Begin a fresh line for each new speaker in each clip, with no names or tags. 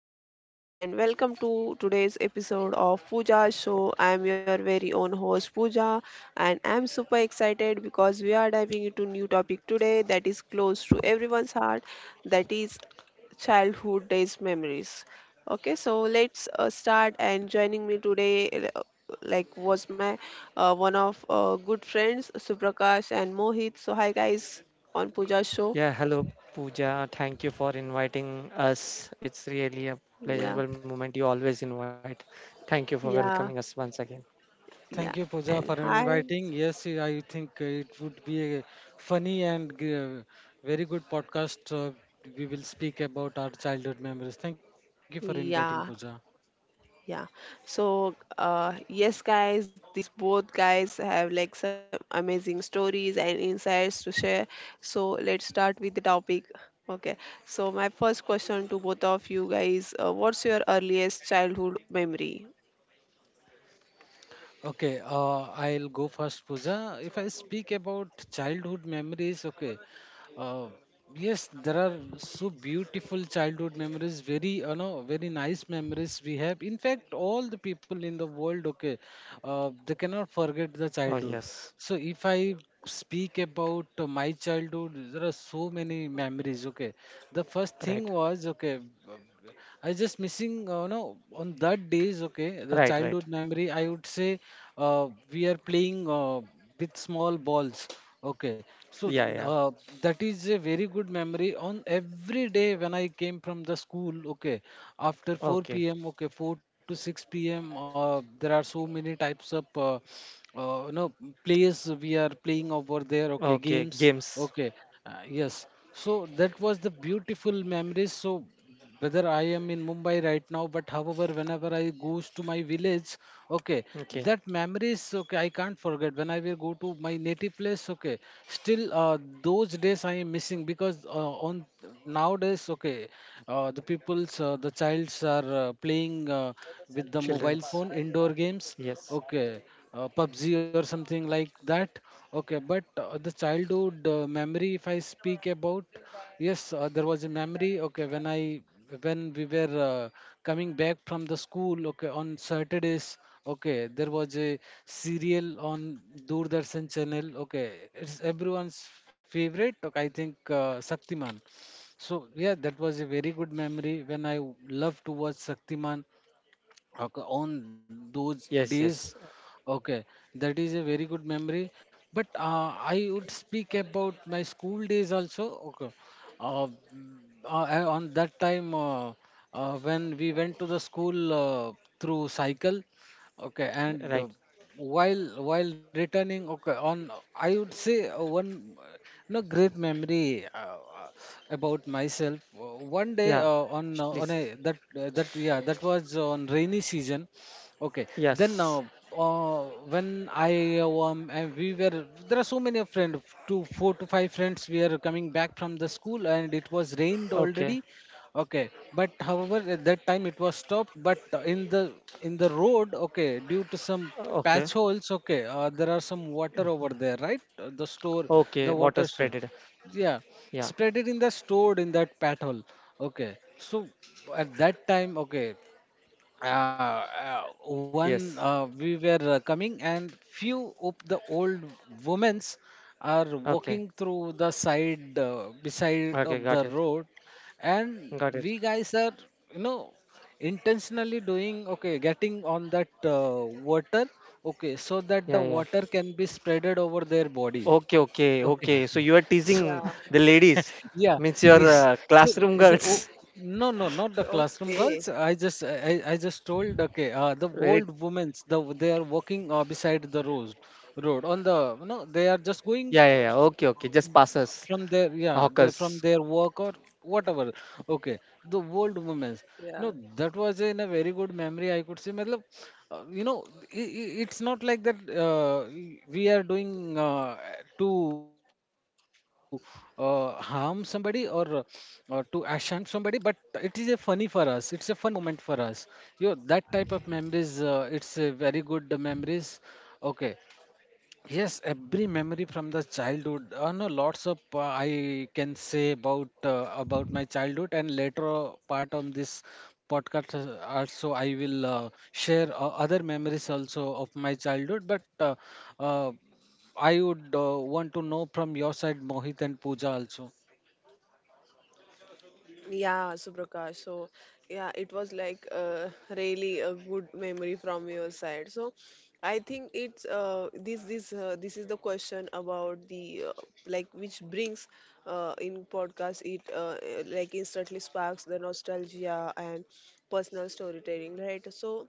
everyone, and welcome to today's episode of Pooja Show. I'm your very own host Pooja, and I'm super excited because we are diving into new topic today that is close to everyone's heart, that is childhood days memories. Okay, so let's start. And joining me today, was my one of good friends Suprakash and Mohit. So hi guys on Pooja Show.
Yeah, hello Pooja. Thank you for inviting us. It's really a
Yeah,
pleasurable moment. You always invite. Thank you for welcoming us
yeah,
once again.
Thank
yeah,
you, Pooja,
and
for
hi.
inviting. Yes, I think it would be a funny and very good podcast. We will speak about our childhood memories. Thank you for inviting, Pooja.
Yeah, yeah. So, yes, guys, these both guys have like some amazing stories and insights to share. So, let's start with the topic. Okay. So, my first question to both of you guys, what's your earliest childhood memory?
Okay, I'll go first, Pooja. If I speak about childhood memories, okay, Uh, yes, there are so beautiful childhood memories, very very nice memories we have. In fact, all the people in the world, okay, they cannot forget the
Oh
childhood.
yes.
So if I speak about my childhood, there are so many memories. Okay, the first
Right.
thing was okay. uh, I just missing, no, on that days, okay,
Right,
the
right.
childhood memory, I would say we are playing. With small balls. Okay, so
Yeah, yeah.
uh, that is a very good memory. On every day when I came from the school, okay, after
Okay.
4 p.m., okay, 4 to 6 p.m., there are so many types of uh, you know plays we are playing over there. Okay,
Okay.
games.
Games.
Okay, yes. So that was the beautiful memories. So whether I am in Mumbai right now, but however, whenever I goes to my village, okay,
Okay.
that memories, okay, I can't forget. When I will go to my native place, okay, still those days I am missing because on nowadays, okay, the people's, the childs are playing with the
Children's.
mobile phone indoor games,
Yes.
okay PUBG or something like that. Okay, but the childhood memory, if I speak about, yes, there was a memory. Okay, when we were coming back from the school, okay, on Saturdays, okay, there was a serial on Doordarshan channel. Okay, it's everyone's favorite. Okay, I think Shaktiman. So yeah, that was a very good memory when I loved to watch Shaktiman. Okay, on those
Yes,
days,
yes.
okay, that is a very good memory. But I would speak about my school days also. Okay, uh, mm, on that time when we went to the school through cycle, okay, and
Right.
while returning, okay, on I would say one uh, great memory, about myself. One day,
Yeah. Sh-
on a
Please.
that was on rainy season. Okay, then
Yes.
uh, when I and we were, there are so many friends, two four to five friends, we are coming back from the school, and it was rained
Okay.
already. Okay, but however, at that time it was stopped. But in the road, okay, due to some
Okay.
patch holes, okay, there are some water over there, right?
Okay.
The
Water
water,
spreaded.
yeah,
Yeah.
spread it in the stored in that patch hole. Okay, so at that time, okay, uh, one
Yes.
we were coming, and few of the old women's are
Okay.
walking through the side beside
Okay,
of
got
the
it.
road, and
Got it.
we guys are, you know intentionally doing, okay, getting on that water, okay, so that the
Yeah, yeah.
water can be spreaded over their body,
Okay, okay,
okay.
okay. So you are teasing
Yeah,
the ladies,
yeah,
means your
yes, so
classroom girls.
no, no, not the classroom
okay.
girls. I just told, okay, the
Very,
old women's, the they are walking beside the road, on the no, they are just going
yeah, yeah, yeah. Okay, okay. Just passes,
from their yeah the, from
hawkers.
their work or whatever, okay, the world women's, no,
Yeah.
that was in a very good memory, I could say, matlab, uh, you know I it's not like that, uh, we are doing, uh, to harm somebody or to asham somebody, but it is a funny for us, it's a fun moment for us, that type of memories, it's a very good memories, okay. Yes, every memory from the childhood. No, lots of I can say about my childhood, and later part of this podcast, also I will share other memories also of my childhood. But uh, I would want to know from your side, Mohit, and Pooja also.
Yeah, Suprakash. So, yeah, it was like really a good memory from your side. So, I think it's this is the question about the like which brings in podcast it like instantly sparks the nostalgia and personal storytelling, right? So,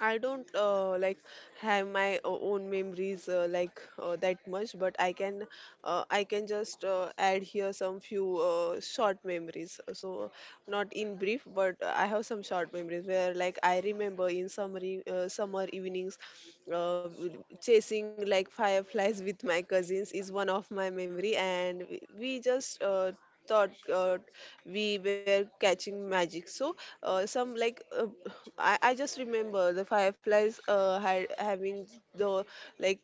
I don't like have my own memories that much, but I can just add here some few short memories. So not in brief, but I have some short memories where like I remember in summer summer evenings, uh, chasing like fireflies with my cousins is one of my memory. And we just thought we were catching magic. So some like I just remember the fireflies had having the like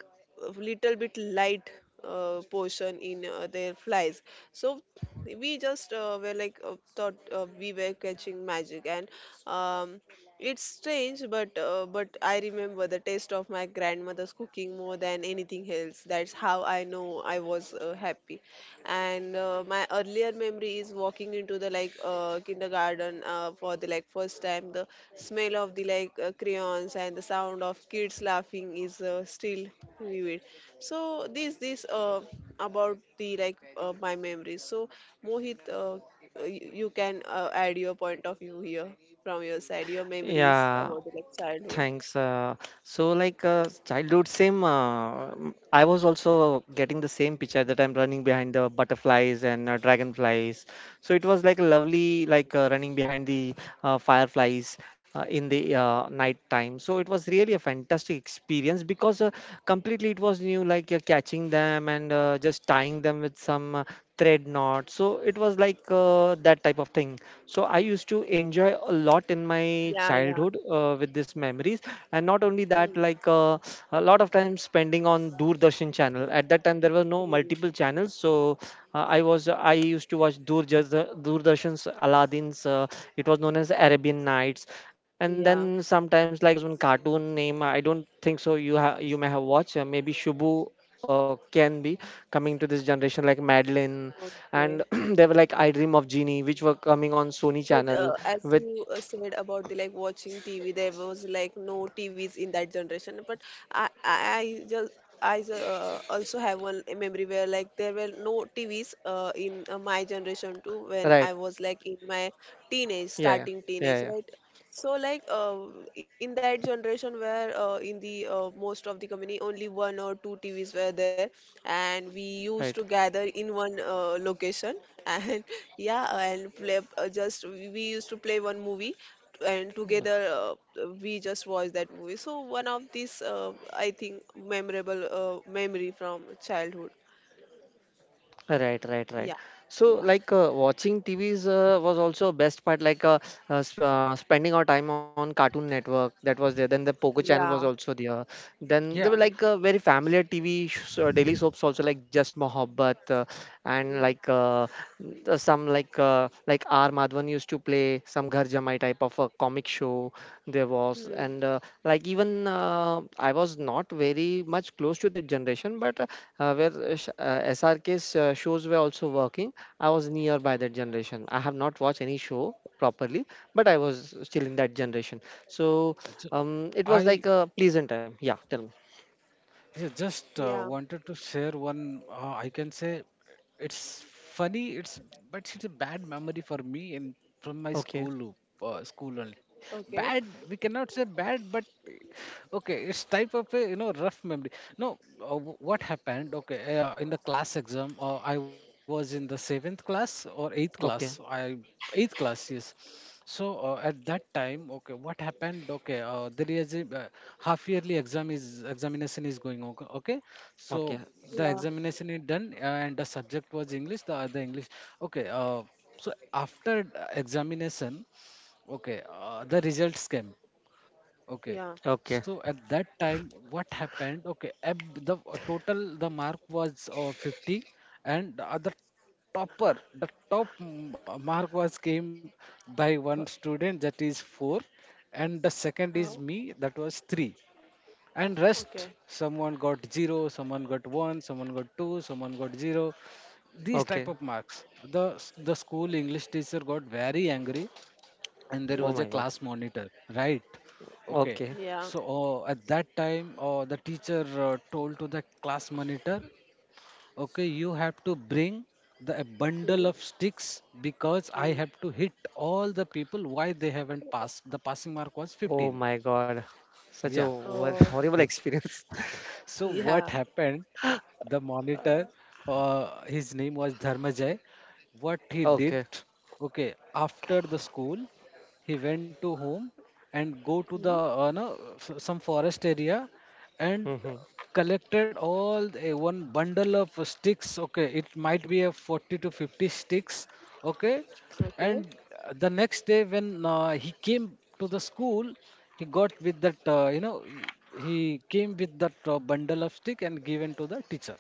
little bit light portion in their flies. So we just were like thought we were catching magic. And um, it's strange, but but I remember the taste of my grandmother's cooking more than anything else. That's how I know I was happy. And my earlier memory is walking into the kindergarten for the like first time. The smell of the crayons and the sound of kids laughing is still vivid. So this about the my memories. So Mohit, you can add your point of view here from your side, your memories
Yeah.
about the like childhood.
Thanks. So, childhood, same. I was also getting the same picture that I'm running behind the butterflies and dragonflies. So it was like a lovely, running behind the fireflies in the night time. So it was really a fantastic experience because completely it was new, catching them and just tying them with some thread knot. So it was like that type of thing. So I used to enjoy a lot in my
Yeah, yeah.
childhood with these memories, and not only that,
Hmm,
a lot of time spending on Doordarshan channel. At that time, there were no
hmm.
multiple channels, so I used to watch Doordarshan's Aladdin's. It was known as Arabian Nights, and then
Yeah,
sometimes like there was one cartoon name. I don't think so. You may have watched maybe Shubu. Can be coming to this generation like Madeline and
okay.
they were like I Dream of Genie, which were coming on Sony
But
Channel
as
with
you said about the like watching TV, there was like no TVs in that generation. But I also have one memory where like there were no TVs in my generation too, when
right,
I was like in my teenage,
yeah, yeah,
starting
yeah,
teenage,
yeah,
right? So in that generation where in the most of the company only one or two TVs were there, and we used to
right.
gather in one location and yeah and play just we used to play one movie and together we just watched that movie. So one of these I think memorable memory from childhood.
Right, right, right.
Yeah,
So,
yeah,
watching TVs was also best part. Like sp Spending our time on Cartoon Network, that was there. Then the Pogo channel was
yeah.
also there. Then there
Yeah,
were like
Mm,
very familiar TV sh uh, daily soaps also, like Just Mohabbat, and
mm,
like some like R Madhavan used to play some Ghar Jamai type of a comic show there was, and
mm,
even I was not very much close to that generation, but where SRK's shows were also working. I was near by that generation. I have not watched any show properly, but I was still in that generation. So
so
it was
I
like a pleasant time. Yeah, tell me.
yeah, just
yeah,
wanted to share one. I can say it's funny. It's but it's a bad memory for me, and from my
Okay,
school school only. Bad.
okay.
We cannot say bad, but okay, it's type of a rough memory. No, what happened? Okay, in the class exam, I was in the seventh class or eighth class.
okay,
I eighth class, yes. So at that time, okay, what happened? Okay, there is a half yearly examination is going on, okay?
okay,
So the
Yeah,
examination is done, and the subject was english, the other english. Okay, so after the examination, okay, the results came. Okay.
yeah.
So
okay,
at that time, what happened? Okay, the total the mark was 50, and the top mark was came by
uh,
one student, that is four, and the second
Oh,
is me, that was three, and rest
okay.
someone got zero, someone got one, someone got two, someone got zero. These
okay.
type of marks. The school English teacher got very angry, and there
Oh
was a
Mm,
my God.
class monitor, right? Okay,
Okay.
yeah.
so at that time, the teacher told to the class monitor, okay, you have to bring the a bundle of
Mm,
sticks, because I
mm.
have to hit all the people, why they haven't passed, the passing mark
Oh
was
my
15.
God. Such a
Yeah,
horrible
Oh,
experience.
so what
yeah.
happened? The monitor, his name was Dharmajay. What he
Okay.
did? Okay, after the school, he went to home and go to the
Mm,
no, f- some forest area, and
Hmm.
collected all the, one bundle of sticks. Okay, it might be a 40 to 50 sticks. Okay,
okay,
and the next day when he came to the school, he got with that he came with that bundle of stick, and given to the teacher.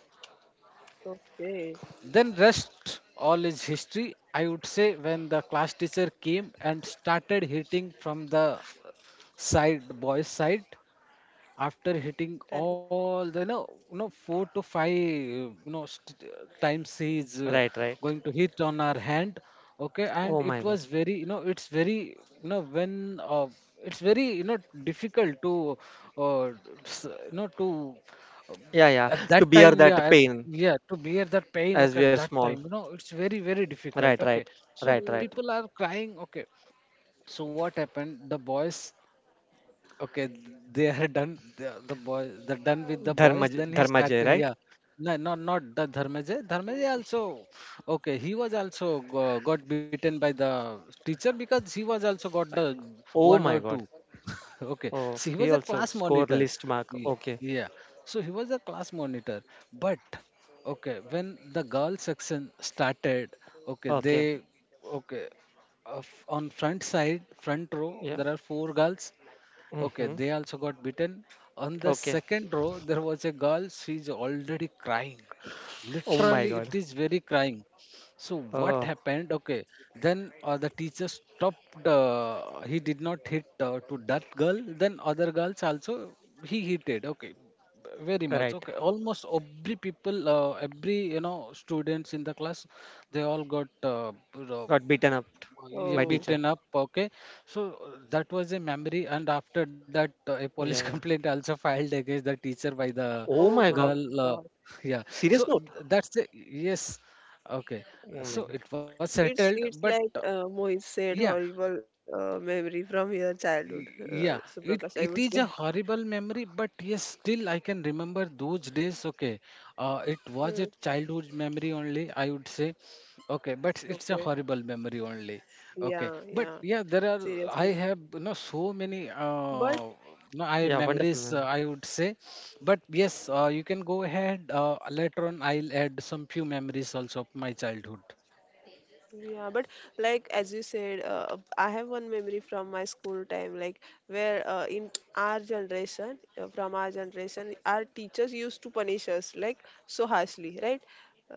okay,
Then rest, all is history, I would say, when the class teacher came and started hitting from the side, boys side, after hitting
right.
all the, four to five, times he is
Right, right.
going to hit on our hand. Okay, and
Oh
it
my God.
was very, it's very, you know when it's very, difficult to uh, s- you know to uh,
Yeah, yeah.
at
To
that
bear
time
that
yeah at,
pain
yeah, to bear that pain.
as we
Okay,
are
at that
small.
time, it's very, very
Right,
difficult.
right,
Okay, so
right, right.
Mm.
people are crying. Okay, so what happened? The boys, okay, they are done. The boy, are done with the boys. Then he start.
Dharmajay,
Yeah,
right?
no, not the Dharmeja. Dharmeja also. Okay, he was also got beaten by the teacher, because he was also got the
Oh
one or
my
two.
God.
Okay,
Oh,
so he
he
was a
also
class
score
monitor.
list mark.
Ye-
Okay.
Yeah, so he was a class monitor. But okay, when the girl section started, okay,
Okay.
okay on front row,
Yeah.
there are four girls. Okay,
Mm-hmm.
they also got bitten. On the
Okay.
second row, there was a girl. She's already crying. Literally,
Oh
it
my
is
God.
very crying. So what
Oh,
happened? Okay, then the teacher stopped. He did not hit to that girl. Then other girls also he hitted. Okay, very
right.
much. Okay, almost every people, every, students in the class, they all got,
Got beaten up by
yeah,
teacher.
Oh.
beaten up. Okay, so that was a memory, and after that, a
Yeah,
police
yeah.
complaint also filed against the teacher by the
Oh
Oh
my God.
my God.
girl. Yeah,
Serious
so
note.
that's the yes. Okay,
Oh my God.
so it was settled, but
It's like Mohit
yeah,
said, horrible memory from your childhood,
Yeah,
Suprakash. I
it
would
it
say.
is a horrible memory, but yes, still I can remember those days. Okay, it was
Hmm.
a childhood memory only, I would say. Okay, but it's a
Okay.
horrible memory only. Okay,
Yeah,
but
yeah.
yeah, there are I
Seriously.
have, so many,
But
no I
Yeah, wonderful
memories,
man.
I would say. But yes, you can go ahead. Later on, I'll add some few memories also of my childhood.
yeah, but like as you said, I have one memory from my school time, like where in our generation, from our generation, our teachers used to punish us like so harshly, right?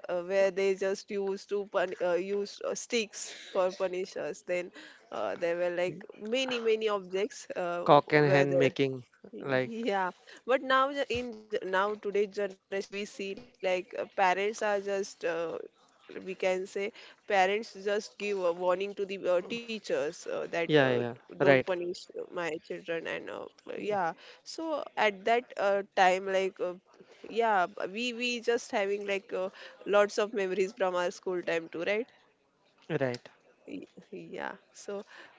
Where they just used to use sticks for punish us. Then there were like many many objects
Cock and
were
hen
there.
making. Like,
Yeah, but now the- in ge- now today's generation, if we see, like parents are just we can say parents just give a warning to the teachers that
yeah, yeah.
don't
Right.
punish my children and yeah. So at that time, yeah, we just having lots of memories from our school time too, right?
Right.
Y- Yeah. So,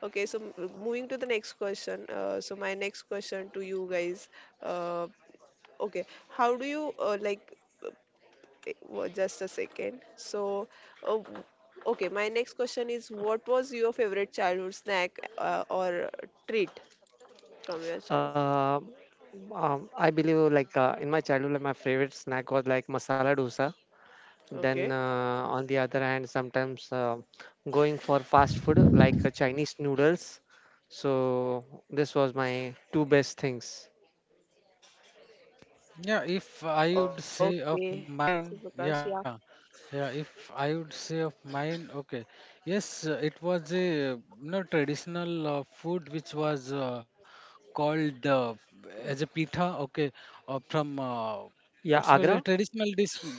okay. So, moving to the next question. So, my next question to you guys. Uh, Okay, how do you uh, just a second. So, uh, w- okay, my next question is what was your favorite childhood snack or treat from your child?
Uh, I believe in my childhood, like, my favorite snack was like masala dosa. Then,
Okay.
on the other hand, sometimes going for fast food like Chinese noodles. So this was my two best things.
Yeah, if I would say
Okay.
of
So,
mine,
Prakash, yeah.
yeah. Yeah, if I would say of mine, okay, yes, it was a, uh, traditional food, which was called as a pitha. Okay, from
Yeah,
it was a
Agra?
traditional dish.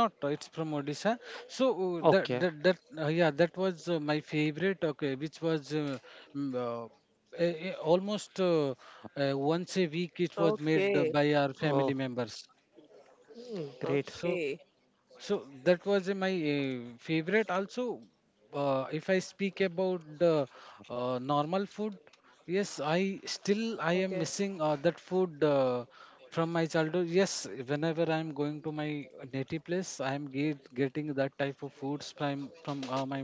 Not, it's from Odisha. So
Okay.
that was my favorite. Okay, which was, mm, uh, almost, once a week. It was made
Okay.
by our family
Oh,
members.
mm, great.
So.
Okay.
So that was my favorite. Also, if I speak about the normal food, yes,
Okay.
I am missing that food from my childhood. Yes, whenever I'm going to my native place, I am getting that type of foods from my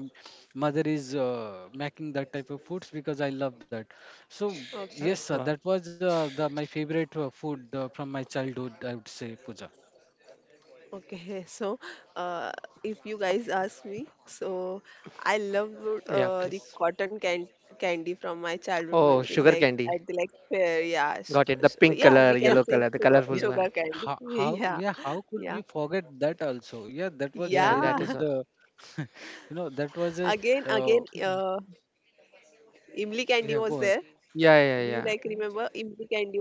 mother is making that type of foods because I love that. So
Okay.
yes,
Wow.
that was the my favorite food from my childhood, I would say, Puja.
Okay, so uh, if you guys ask me, so I love
Yeah, please.
the cotton candy from my childhood
Oh,
memories,
sugar
like
candy.
at the like fair. Yeah, so,
Got it. The
so,
pink
yeah, we
color,
can
yellow
say
color, the
sugar
colorful
Yeah,
sugar
one.
candy, yeah,
how could
yeah,
we forget that also? Yeah, that was a
Yeah,
very
yeah.
that is
good,
all.
you know, that was a,
Again,
uh,
again, Imli candy was there.
yeah, go ahead.
Do you like
Yeah, yeah,
remember
yeah.
Imli candy was there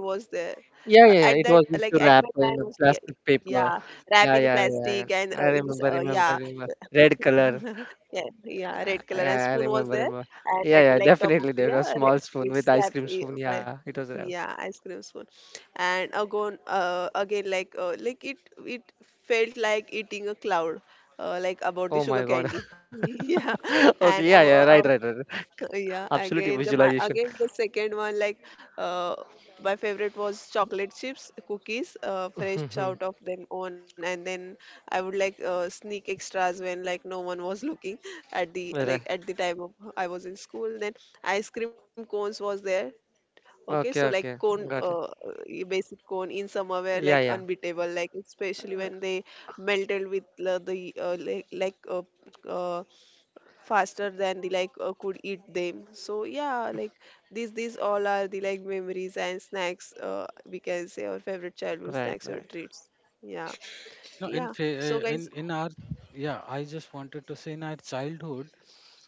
at that
Yeah, yeah, yeah.
like
It
at
was
my
used to
time? Was,
wrap
yeah,
in a plastic
yeah,
paper.
wrap in
Yeah, yeah,
plastic
yeah,
and
yeah.
in
I
this
remember,
yeah.
remember, remember. Red color.
Yeah, yeah, red color and spoon
Yeah, I
was
remember,
there,
remember.
and
Yeah,
at the
yeah,
like top of
definitely. There
yeah,
was small spoon
it's
with ice
wrapped
cream spoon.
by
Yeah, it was.
yeah ice cream spoon. And again, again like it felt like eating a cloud, like about the
Oh
sugar
my God.
candy. Yeah,
Okay,
and
yeah, yeah, right, right, right.
yeah,
Absolutely
again the my
visualization.
again the second one like uh my favorite was chocolate chips, cookies, fresh out
Hmm.
of them own, and then I would like sneak extras when like no one was looking at the like
Right, right.
at the time of I was in school. Then ice cream cones was there. Okay, so like
Okay,
cone,
okay, got it.
basic cone in summer were like
Yeah, yeah,
unbeatable, like especially when they melted with the like uh, faster than the like could eat them. So yeah, like these all are the like memories and snacks. We can say our favorite childhood
right,
snacks or
right.
treats. Yeah,
No, in,
yeah.
fa-
So guys,
in our, yeah, I just wanted to say in our childhood,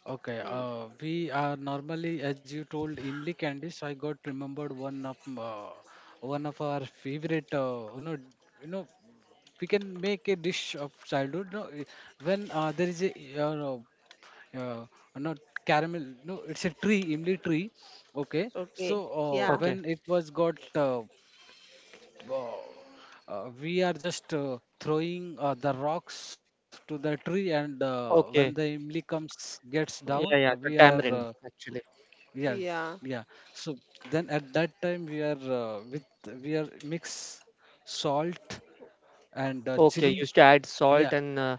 okay,
mm,
we are normally, as you told Imli Candice, I got remembered one of our favorite, you know, we can make a dish of childhood. No, I- when there is a Yeah, not caramel, no, it's a tree, imli tree. Okay, so
okay, yeah,
Okay,
when it was got uh, we are just throwing the rocks to the tree, and when the
okay.
imli comes gets down
Yeah, yeah,
we
the
are
tamarind actually.
yeah
yeah,
yeah so then at that time we are with we are mix salt and
Okay, used
chili,
to add salt
yeah
and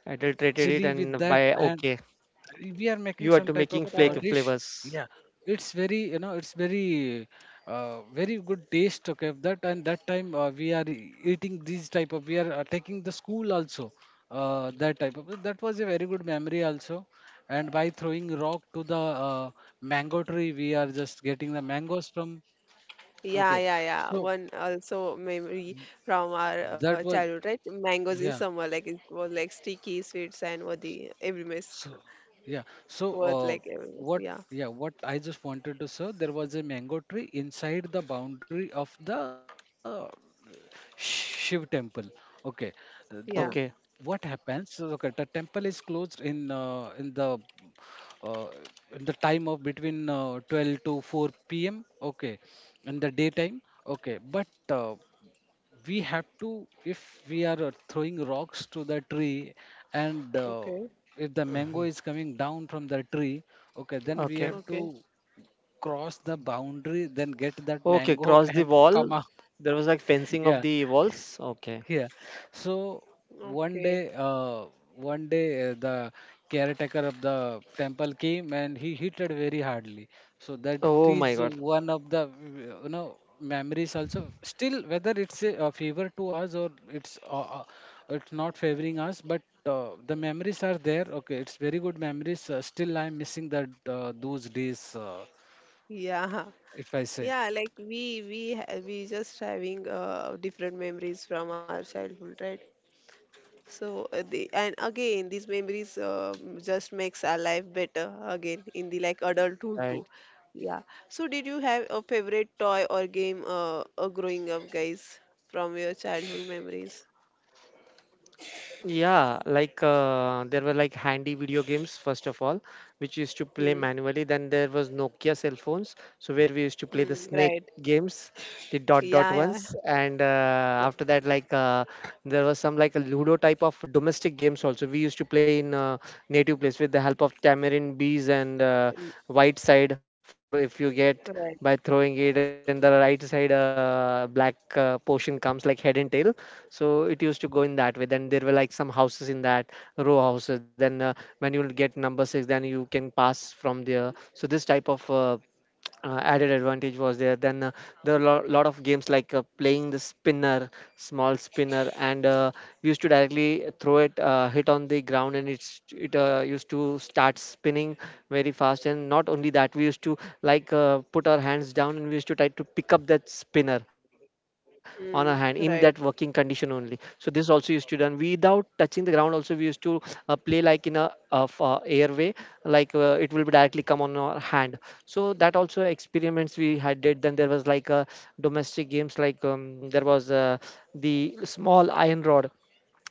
adulterated
chili
it
with
and
that,
by
and
okay,
we are
you
making
are to
some type
making
of
right.
flake
dish.
flavors.
Yeah, it's very, you know, it's very very good taste, okay, of that, and that time we are eating these type of, we are taking the school also, that type of, that was a very good memory also. And by throwing rock to the uh, mango tree, we are just getting the mangoes from.
Yeah,
Okay,
yeah, yeah.
so
One also memory from our
that was,
childhood, right? Mangoes in
yeah.
summer, like it was like sticky, sweets, and what the every miss
So, yeah. So,
worth like every miss.
what,
Yeah,
yeah, what I just wanted to say, there was a mango tree inside the boundary of the Shiv temple. Okay. The
yeah.
Okay,
what happens? So, okay, the temple is closed uh, in the time of between 12 to 4 p.m. Okay, in the daytime. Okay, but we have to, if we are throwing rocks to the tree, and
Okay,
if the mango is coming down from the tree, okay, then we
okay,
have
okay,
to cross the boundary then get that
okay.
mango
Cross the
and come
wall.
out.
There was like fencing of
Yeah,
the walls. Okay.
yeah. So one
okay.
day, uh, one day, the caretaker of the temple came and he hit it very hardly. So that
Oh my
is
God.
one of the, you know, memories also. Still, whether it's a, favor to us or it's not favoring us, but the memories are there. Okay, it's very good memories. Still, I'm missing that those days,
Yeah,
if I say.
yeah. Like we we just having different memories from our childhood, right? So the and again these memories just makes our life better again in the like adulthood too.
Right.
Yeah. So did you have a favorite toy or game growing up, guys, from your childhood memories?
Yeah, there were like handy video games first of all, which used to
Hmm.
play manually. Then there was Nokia cell phones, so where we used to play the
Hmm. Right.
snake games, the dot
Yeah.
dot
Yeah.
ones, and after that there was some like a Ludo type of domestic games also. We used to play in native place with the help of tamarind bees and
Mm,
white side four if you get
right.
by throwing it, and the right side black portion comes like head and tail. So it used to go in that way. Then there were like some houses in that row houses. Then when you'll get number 6, then you can pass from there. So this type of added advantage was there. Then there are a lot of games like playing the spinner, small spinner, and we used to directly throw it, hit on the ground, and it used to start spinning very fast. And not only that, we used to put our hands down and we used to try to pick up that spinner on our hand in that
Hmm.
working condition
Right.
only. So this also used to done without touching the ground. Also, we used to play like in a of airway, it will be directly come on our hand, so that also experiments we had did. Then there was like a domestic games like the small iron rod.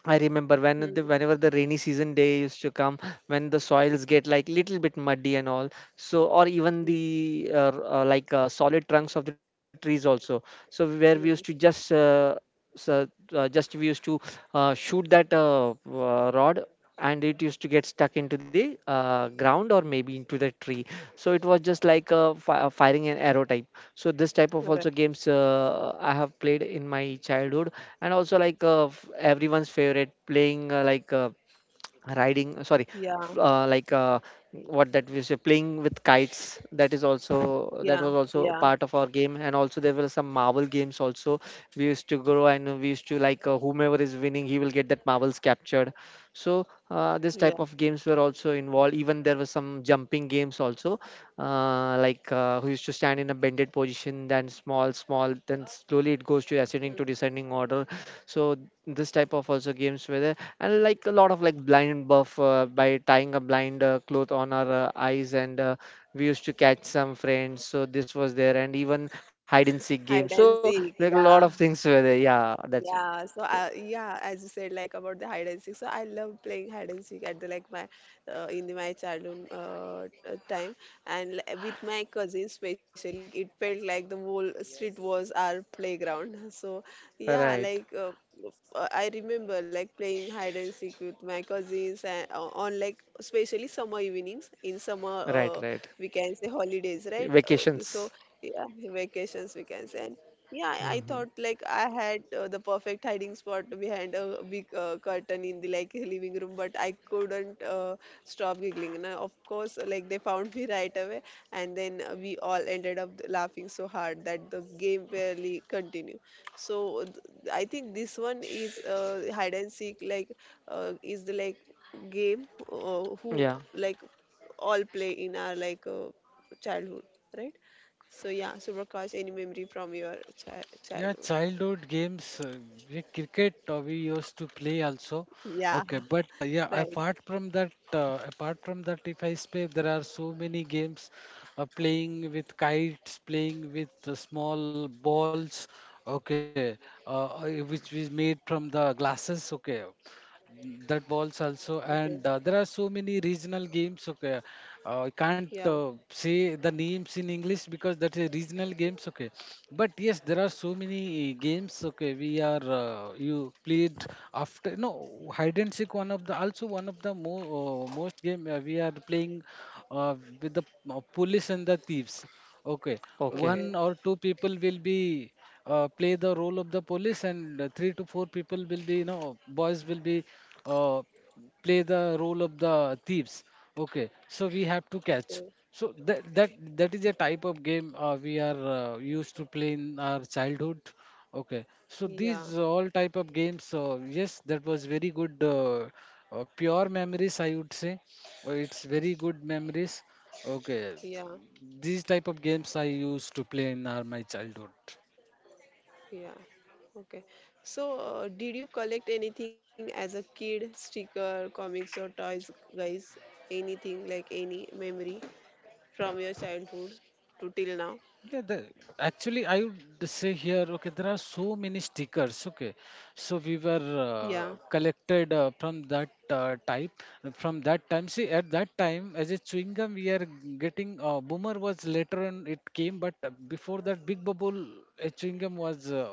I remember when
Hmm.
the whenever the rainy season day used to come, when the soils get like little bit muddy and all. So or even
Hmm.
the solid trunks of the trees also. So where we used to
Hmm.
just so, just we used to shoot that rod and it used to get stuck into the ground or maybe into the tree. So it was just like fi firing an arrow type. So this type of
Right.
also games I have played in my childhood. And also everyone's favorite playing riding, sorry,
Yeah.
f- uh, like uh, what that we say, playing with kites, that is also
Yeah.
that was
Yeah.
also part of our game. And also there were some marble games also. We used to grow and we used to whomever is winning he will get that marbles captured. So this
Yeah.
type of games were also involved. Even there were some jumping games also, who used to stand in a bended position, then small, small, then slowly it goes to ascending to descending order. So this type of also games were there, and like a lot of like blind buff by tying a blind cloth on our eyes, and we used to catch some friends. So this was there, and even hide and seek
Hide
games.
and
So
seek.
like a lot
Yeah.
of things were there. Yeah, that's it.
Yeah, so I, yeah, as you said, like about the hide and seek. So I love playing hide and seek at the like my my childhood time, and with my cousins especially, like it felt like the whole street was our playground. So yeah,
Right,
I remember like playing hide and seek with my cousins and on like especially summer evenings in summer
right, right.
we can say holidays, right? So
Vacations.
yeah, vacations we can say. Yeah, I
Hmm.
thought like I had the perfect hiding spot behind a big curtain in the like living room, but I couldn't stop giggling. And I, of course, like they found me right away, and then we all ended up laughing so hard that the game barely continued. So I think this one is hide and seek like is the like game who
Yeah.
like all play in our childhood, right? So yeah, so broadcast any memory from your
Yeah,
childhood.
childhood games, yeah, cricket we used to play also.
Yeah,
Okay, but
right.
apart from that, if I say there are so many games, playing with kites, playing with small balls. Okay, uh, uh, which is made from the glasses. Okay, mm, that balls also,
Okay.
and there are so many regional games. Okay, I can't
Yeah.
say the names in English because that is regional games. Okay, but yes, there are so many games. Okay, we are, you played after. No, hide and seek, one of the, also one of the most game we are playing uh, with the police and the thieves. Okay,
Okay.
Okay.
one or two people will be play the role of the police, and three to four people will be, you know, boys will be uh, play the role of the thieves. Okay, so we have to catch.
Okay.
So that is a type of game we are used to play in our childhood. Okay, so
Yeah.
these all type of games. Yes, that was very good. Pure memories, I would say. It's very good memories. Okay,
Yeah.
these type of games I used to play in our, my childhood.
Yeah. Okay. So did you collect anything as a kid? Sticker, comics, or toys, guys? Anything like any memory from your childhood to till now?
Yeah, the, actually, I would say here, okay, there are so many stickers. Okay, so we were
Yeah.
collected from that type. From that time, see, at that time, as a chewing gum, we are getting. Boomer was later on it came, but before that, Big Bubble, a chewing gum was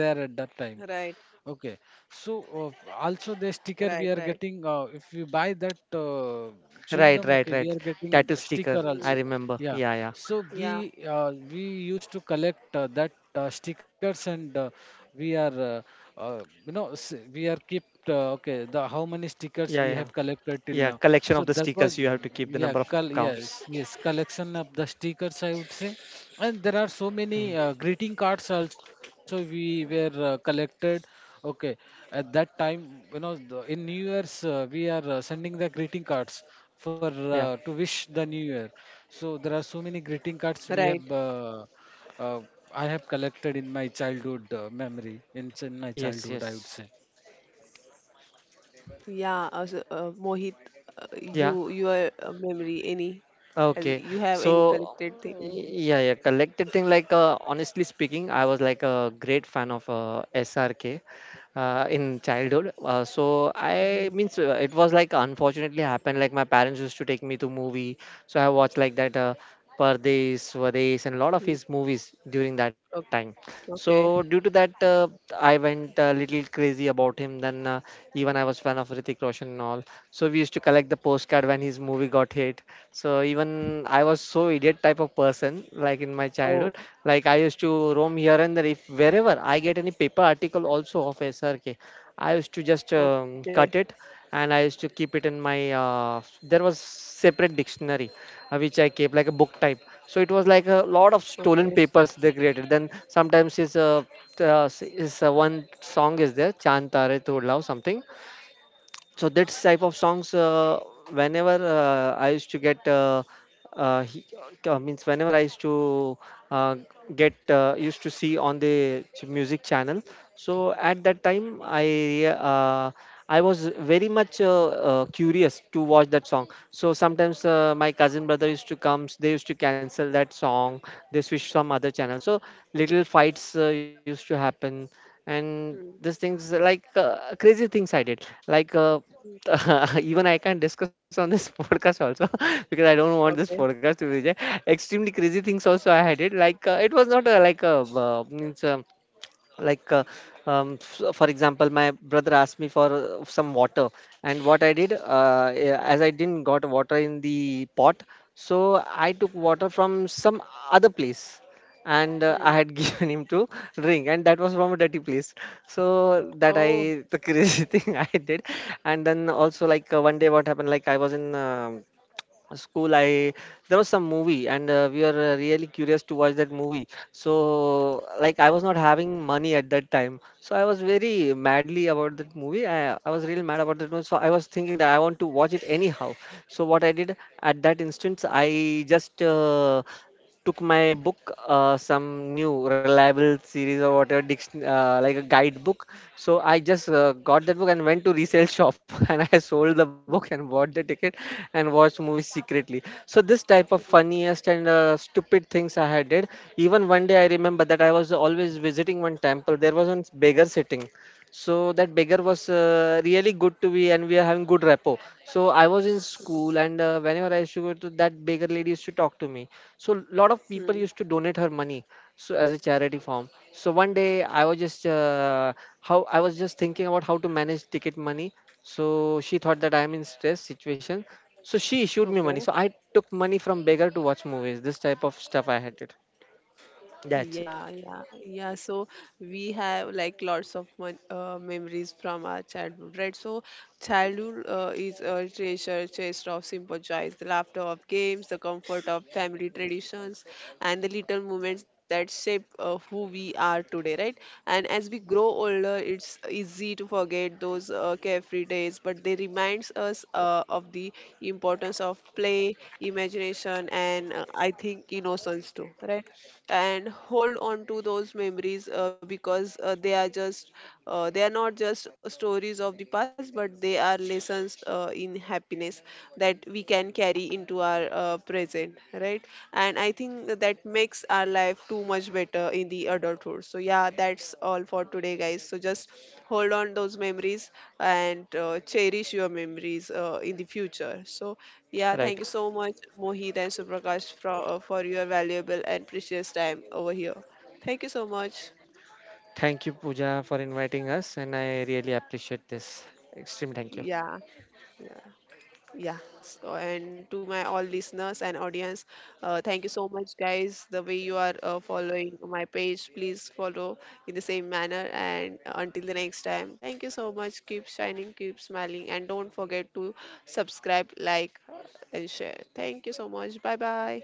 there at that time.
Right.
Okay. So also the
Right.
sticker we
Right.
are getting if you buy that chewing
Right,
gum,
right,
okay, we
right.
are getting
Tattoo
a
sticker.
sticker
Mm.
I
also.
remember.
Yeah.
Yeah, yeah.
So
Yeah.
we used to collect that stickers, and we are you know, we are kept, okay, the how many
Yeah, yeah,
stickers we have collected
yeah.
till now.
Collection of the
So that
stickers. You have
was,
to keep the number of
yeah,
counts.
yes, yes, collection of the stickers, I would say, and there are so
Mm.
many greeting cards also we were collected. Okay, at that time, you know, the, in New Year's, we are sending the greeting cards for
Yeah.
to wish the New Year. So there are so many greeting cards
Right.
we have. Uh, I have collected in my childhood memory, in my
Yes.
childhood,
Yes.
I would say.
Yeah, also, Mohit,
Yeah.
you your memory any as
Okay,
you have any
so
collected
mm,
thing?
yeah, yeah, collected thing. Honestly speaking, I was like a great fan of SRK in childhood. So I
Mm-hmm.
means it was like unfortunately happened. Like my parents used to take me to movie, so I watched like that Pardes, Vades, and a lot of his
Hmm.
movies during that time.
Okay,
So
okay.
due to that, I went a little crazy about him. Then even I was fan of Ritik Roshan and all. So we used to collect the postcard when his movie got hit. So even I was so idiot type of person, like in my childhood,
Oh,
like I used to roam here and there. If wherever I get any paper article also of SRK, I used to just
okay,
cut it and I used to keep it in my. There was separate dictionary which I kept like a book type. So it was like a lot of
okay.
stolen papers they created. Then sometimes is a is one song is there, Chantare Todlao something. So that's type of songs whenever I used to get he, means whenever I used to uh, get used to see on the music channel. So at that time I was very much curious to watch that song. So sometimes my cousin brother used to come, they used to cancel that song, they switch some other channel. So little fights used to happen. And
Mm,
these things like crazy things I did even I can't discuss on this podcast also because I don't want this
okay.
podcast to be there. Extremely crazy things also I had it. It was not like a means like f- for example, my brother asked me for some water, and what I did as I didn't got water in the pot, so I took water from some other place and
Mm.
I had given him to drink, and that was from a dirty place. So that
Oh.
I the crazy thing I did, and then also one day what happened, like I was in. A school I there was some movie and we were really curious to watch that movie. So like I was not having money at that time, so I was very madly about that movie. I was really mad about that movie, so I was thinking that I want to watch it anyhow. So what I did at that instance, I just took my book, some new reliable series or whatever, diction, like a guidebook. So I just got that book and went to resale shop and I sold the book and bought the ticket and watched movies secretly. So this type of funniest and stupid things I had did. Even one day I remember that I was always visiting one temple. There was one beggar sitting, so that beggar was really good to be, and we are having good rapport. So I was in school, and whenever I used to go to that beggar lady used to talk to me. So lot of people
Mm-hmm.
used to donate her money, so as a charity form. So one day I was just how I was just thinking about how to manage ticket money. So she thought that I am in stress situation, so she issued me money.
Okay.
So I took money from beggar to watch movies. This type of stuff I had it. That's it.
Yeah, yeah, yeah. So we have like lots of mon memories from our childhood, right? So childhood is a treasure chest of simple joys, the laughter of games, the comfort of family traditions, and the little moments that shape who we are today, right? And as we grow older, it's easy to forget those carefree days, but they reminds us of the importance of play, imagination, and I think innocence too, right? And hold on to those memories because they are just they are not just stories of the past, but they are lessons in happiness that we can carry into our present, right? And I think that makes our life too much better in the adulthood. So yeah, that's all for today, guys. So just hold on those memories and cherish your memories in the future. So yeah,
Right.
thank you so much, Mohit and Suprakash, for your valuable and precious time over here. Thank you so much.
Thank you, Pooja, for inviting us, and I really appreciate this. Extreme thank you.
Yeah, yeah, yeah. So, and to my all listeners and audience, thank you so much, guys. The way you are following my page, please follow in the same manner. And until the next time, thank you so much. Keep shining, keep smiling, and don't forget to subscribe, like, and share. Thank you so much. Bye bye.